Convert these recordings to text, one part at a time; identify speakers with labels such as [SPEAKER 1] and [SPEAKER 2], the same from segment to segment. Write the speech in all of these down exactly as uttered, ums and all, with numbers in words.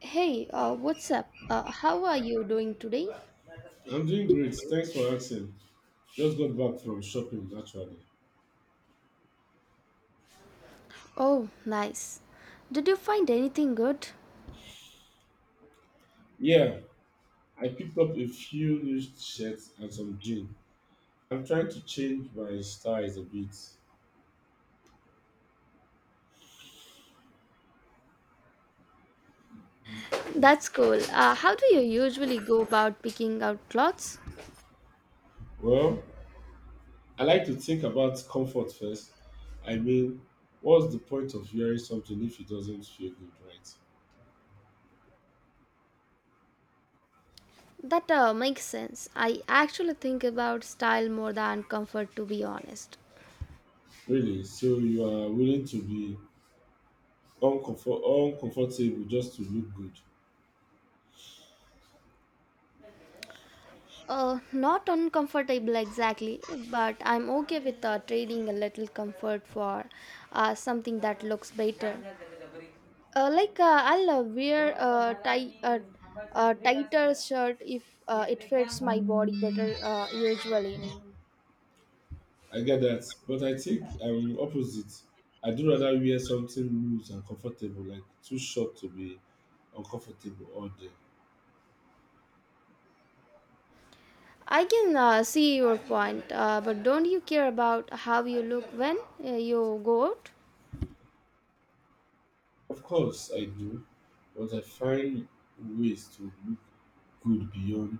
[SPEAKER 1] Hey, uh, what's up? Uh, how are you doing today?
[SPEAKER 2] I'm doing great. Thanks for asking. Just got back from shopping actually.
[SPEAKER 1] Oh, nice. Did you find anything good?
[SPEAKER 2] Yeah, I picked up a few new shirts and some jeans. I'm trying to change my styles a bit.
[SPEAKER 1] That's cool. Uh, how do you usually go about picking out clothes?
[SPEAKER 2] Well, I like to think about comfort first. I mean, what's the point of wearing something if it doesn't feel good, right?
[SPEAKER 1] That uh, makes sense. I actually think about style more than comfort, to be honest.
[SPEAKER 2] Really? So you are willing to be uncomfort- uncomfortable just to look good?
[SPEAKER 1] Uh, not uncomfortable exactly, but I'm okay with uh, trading a little comfort for uh, something that looks better. uh, like uh, I'll uh, wear a tight, uh, a tighter shirt if uh, it fits my body better uh, usually.
[SPEAKER 2] I get that, but I think I'm opposite. I do rather wear something loose and comfortable, like too short to be uncomfortable all day.
[SPEAKER 1] I can uh, see your point, uh, but don't you care about how you look when uh, you go out?
[SPEAKER 2] Of course, I do, but I find ways to look good beyond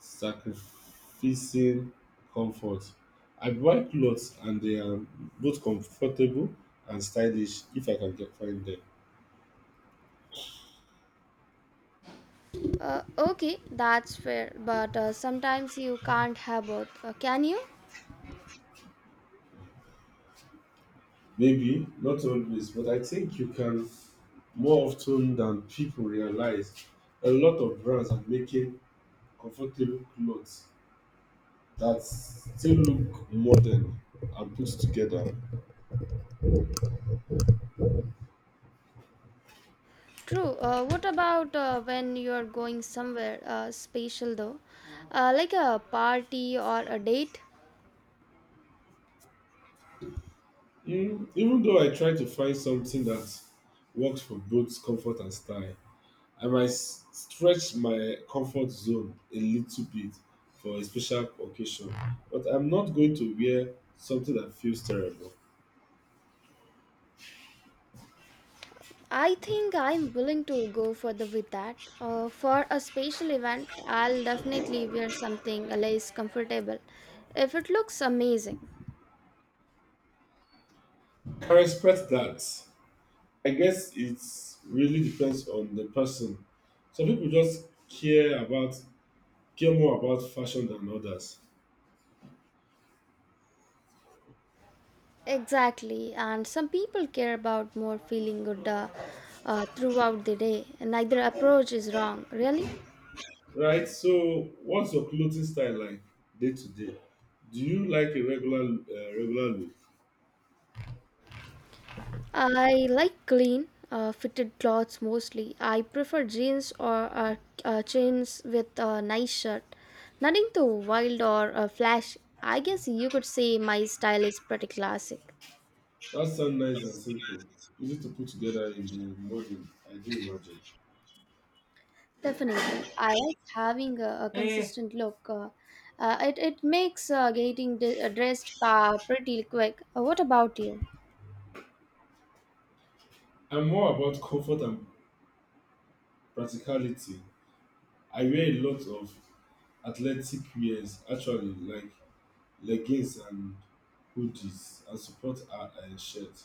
[SPEAKER 2] sacrificing comfort. I buy clothes and they are both comfortable and stylish if I can get find them.
[SPEAKER 1] Uh, okay, that's fair, but uh, sometimes you can't have both, uh, can you?
[SPEAKER 2] Maybe, not always, but I think you can more often than people realize. A lot of brands are making comfortable clothes that still look modern and put together.
[SPEAKER 1] True. Uh, what about uh, when you're going somewhere uh, special though, uh, like a party or a date?
[SPEAKER 2] Mm, even though I try to find something that works for both comfort and style, I might s- stretch my comfort zone a little bit for a special occasion, but I'm not going to wear something that feels terrible.
[SPEAKER 1] I think I'm willing to go further with that. Uh, for a special event, I'll definitely wear something less comfortable if it looks amazing.
[SPEAKER 2] I respect that. I guess it really depends on the person. Some people just care about care more about fashion than others,
[SPEAKER 1] Exactly, and some people care about more feeling good uh, uh, throughout the day. Neither approach is wrong, really.
[SPEAKER 2] right? So, what's your clothing style like day to day? Do you like a regular uh, regular look?
[SPEAKER 1] I like clean, uh, fitted clothes mostly. I prefer jeans or uh, uh, jeans with a nice shirt. Nothing too wild or uh, flashy. I guess you could say my style is pretty classic.
[SPEAKER 2] That sounds nice and simple, easy to put together in the morning. I do imagine.
[SPEAKER 1] Definitely, I like having a, a Hey, consistent look. Uh, uh, it it makes uh, getting d- uh, dressed uh, pretty quick. Uh, what about you?
[SPEAKER 2] I'm more about comfort and practicality. I wear a lot of athletic wears actually, like leggings and hoodies and support our uh, shirt.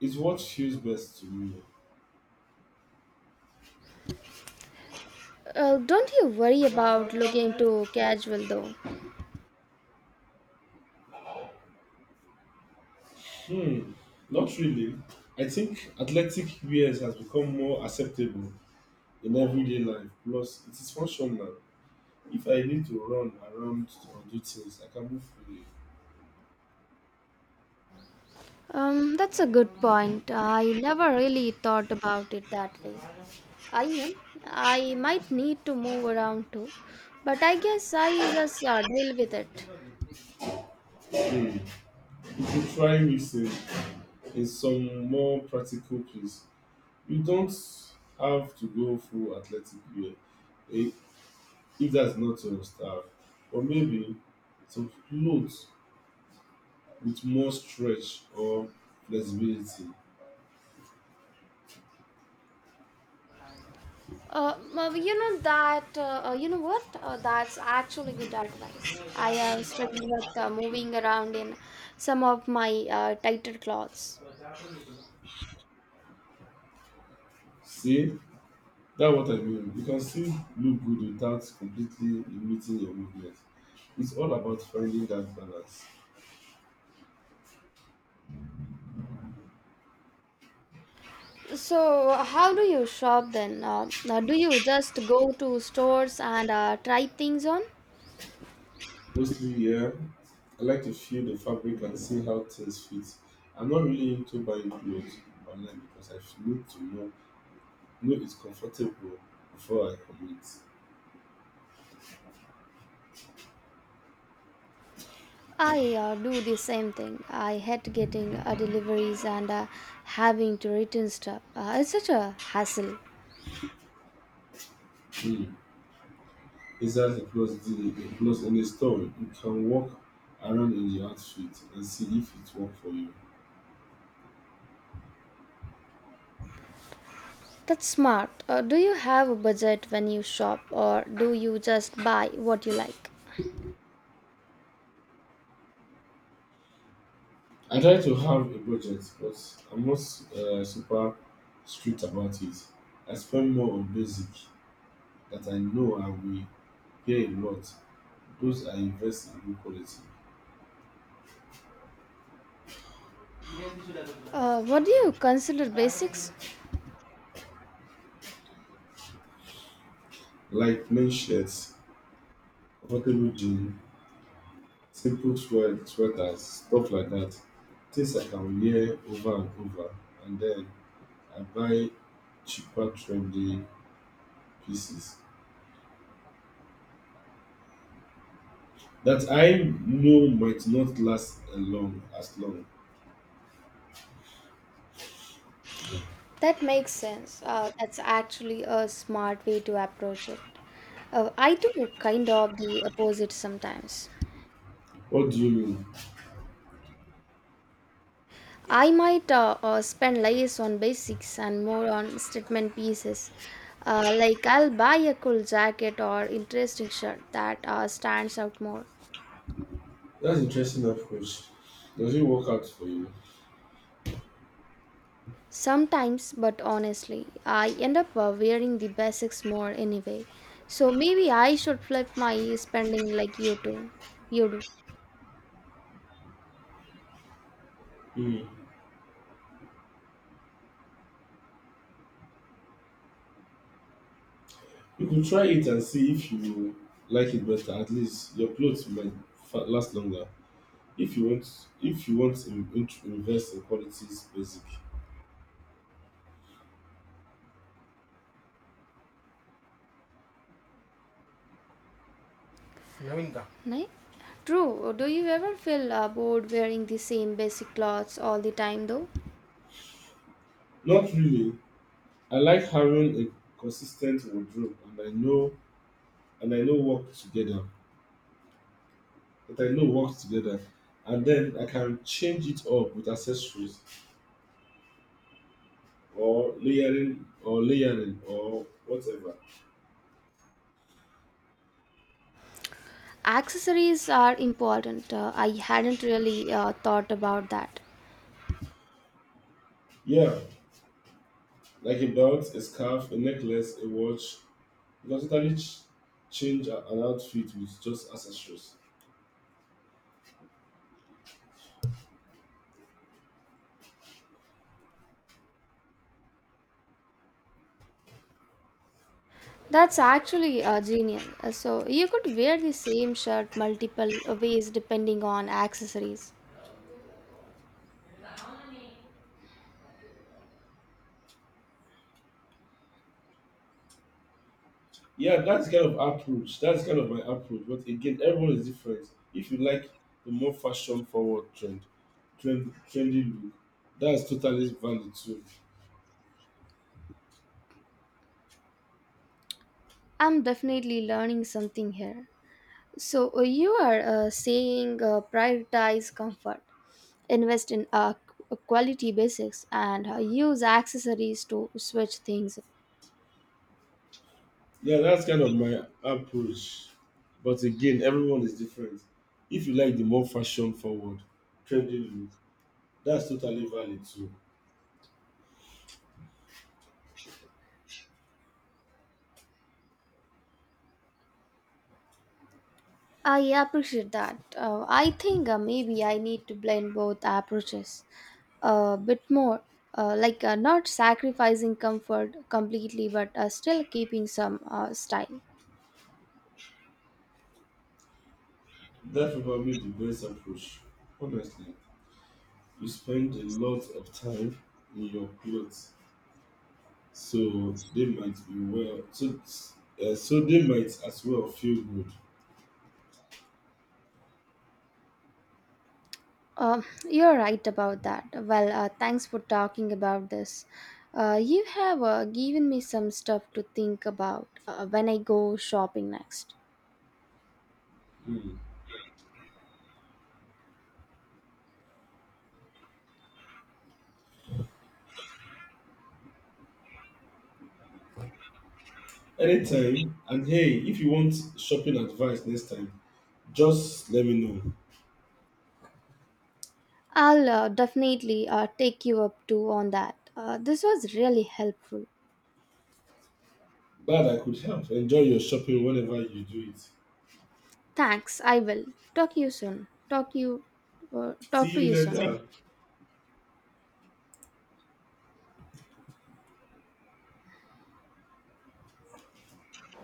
[SPEAKER 2] Is what feels best to me.
[SPEAKER 1] Uh, don't you worry about looking too casual though?
[SPEAKER 2] Hmm, not really. I think athletic wears has become more acceptable in everyday life. Plus, it is functional. If I need to run around or do things, I can move freely.
[SPEAKER 1] Um, that's a good point. I never really thought about it that way. I mean, I might need to move around too, but I guess I just uh, deal with it.
[SPEAKER 2] Hmm. You could try mixing in some more practical place. You don't have to go full athletic wear eh, if that's not your style. Or maybe some clothes with more stretch or flexibility.
[SPEAKER 1] Uh, m- you know that. Uh, uh, you know what? Uh, that's actually good advice. I have struggled with uh, moving around in some of my uh, tighter clothes.
[SPEAKER 2] See, that's what I mean. You can still look good without completely limiting your movement. It's all about finding that balance.
[SPEAKER 1] So, how do you shop then? Uh, uh, do you just go to stores and uh, try things on?
[SPEAKER 2] Mostly, yeah, I like to feel the fabric and see how things fit. I'm not really into buying clothes online because I f- need to know, know it's comfortable before I commit.
[SPEAKER 1] I uh, do the same thing. I hate getting uh, deliveries and uh, having to return stuff. Uh, it's such a hassle.
[SPEAKER 2] Hmm. Besides as a clothes deal, a clothes in a store, you can walk around in the outfit and see if it works for you.
[SPEAKER 1] That's smart. Uh, do you have a budget when you shop, or do you just buy what you like?
[SPEAKER 2] I try to have a budget, but I'm not uh, super strict about it. I spend more on basic that I know I will pay a lot. Those I invest in good quality,
[SPEAKER 1] Uh, what do you consider basics?
[SPEAKER 2] like plain shirts, comfortable jeans, simple sweat, sweaters, stuff like that. Things I can wear over and over, and then I buy cheaper trendy pieces that I know might not last a long as long.
[SPEAKER 1] That makes sense. Uh, that's actually a smart way to approach it. Uh, I do kind of the opposite sometimes.
[SPEAKER 2] What do you mean?
[SPEAKER 1] I might uh, uh, spend less on basics and more on statement pieces. Uh, like I'll buy a cool jacket or interesting shirt that uh, stands out more.
[SPEAKER 2] That's interesting approach. Does it work out for you?
[SPEAKER 1] Sometimes, but honestly, I end up uh, wearing the basics more anyway. So maybe I should flip my spending like you do. You do.
[SPEAKER 2] Hmm. You could try it and see if you like it better. At least your clothes might fa- last longer. If you want, if you want to in- in- invest in quality, is basic.
[SPEAKER 1] ನವೀನ್ಗ Right? True. Do you ever feel uh, bored wearing the same basic clothes all the time though?
[SPEAKER 2] Not really. I like having a consistent wardrobe, and I know, and I know work together. But I know work together, and then I can change it up with accessories or layering or layering or whatever.
[SPEAKER 1] Accessories are important. Uh, I hadn't really uh, thought about that.
[SPEAKER 2] Yeah, like a belt, a scarf, a necklace, a watch. You can totally ch- change a- an outfit with just accessories.
[SPEAKER 1] That's actually uh, genius. Uh, So you could wear the same shirt multiple ways depending on accessories.
[SPEAKER 2] Yeah, that's kind of approach. That's kind of my approach. But again, everyone is different. If you like the more fashion forward trend, trend trendy look, that's totally valid too.
[SPEAKER 1] I'm definitely learning something here. So uh, you are uh, saying uh, prioritize comfort, invest in uh, qu- quality basics, and uh, use accessories to switch things.
[SPEAKER 2] Yeah, that's kind of my approach. But again, everyone is different. If you like the more fashion forward, trendy look, that's totally valid too.
[SPEAKER 1] I appreciate that. Uh, I think uh, maybe I need to blend both approaches a bit more, uh, like uh, not sacrificing comfort completely, but uh, still keeping some uh, style.
[SPEAKER 2] That's probably the best approach, honestly. You spend a lot of time in your clothes, so they might be well. So, uh, so they might as well feel good.
[SPEAKER 1] Um, you're right about that. Well, uh, thanks for talking about this. Uh, you have uh, given me some stuff to think about uh, when I go shopping next.
[SPEAKER 2] Mm. Anytime, and hey, if you want shopping advice next time, just let me know.
[SPEAKER 1] I'll uh, definitely uh, take you up too on that. Uh, this was really helpful.
[SPEAKER 2] Glad I could help. Enjoy your shopping whenever you do it.
[SPEAKER 1] Thanks, I will. Talk you soon. Talk you uh, talk
[SPEAKER 2] See
[SPEAKER 1] to
[SPEAKER 2] you
[SPEAKER 1] you soon.
[SPEAKER 2] later.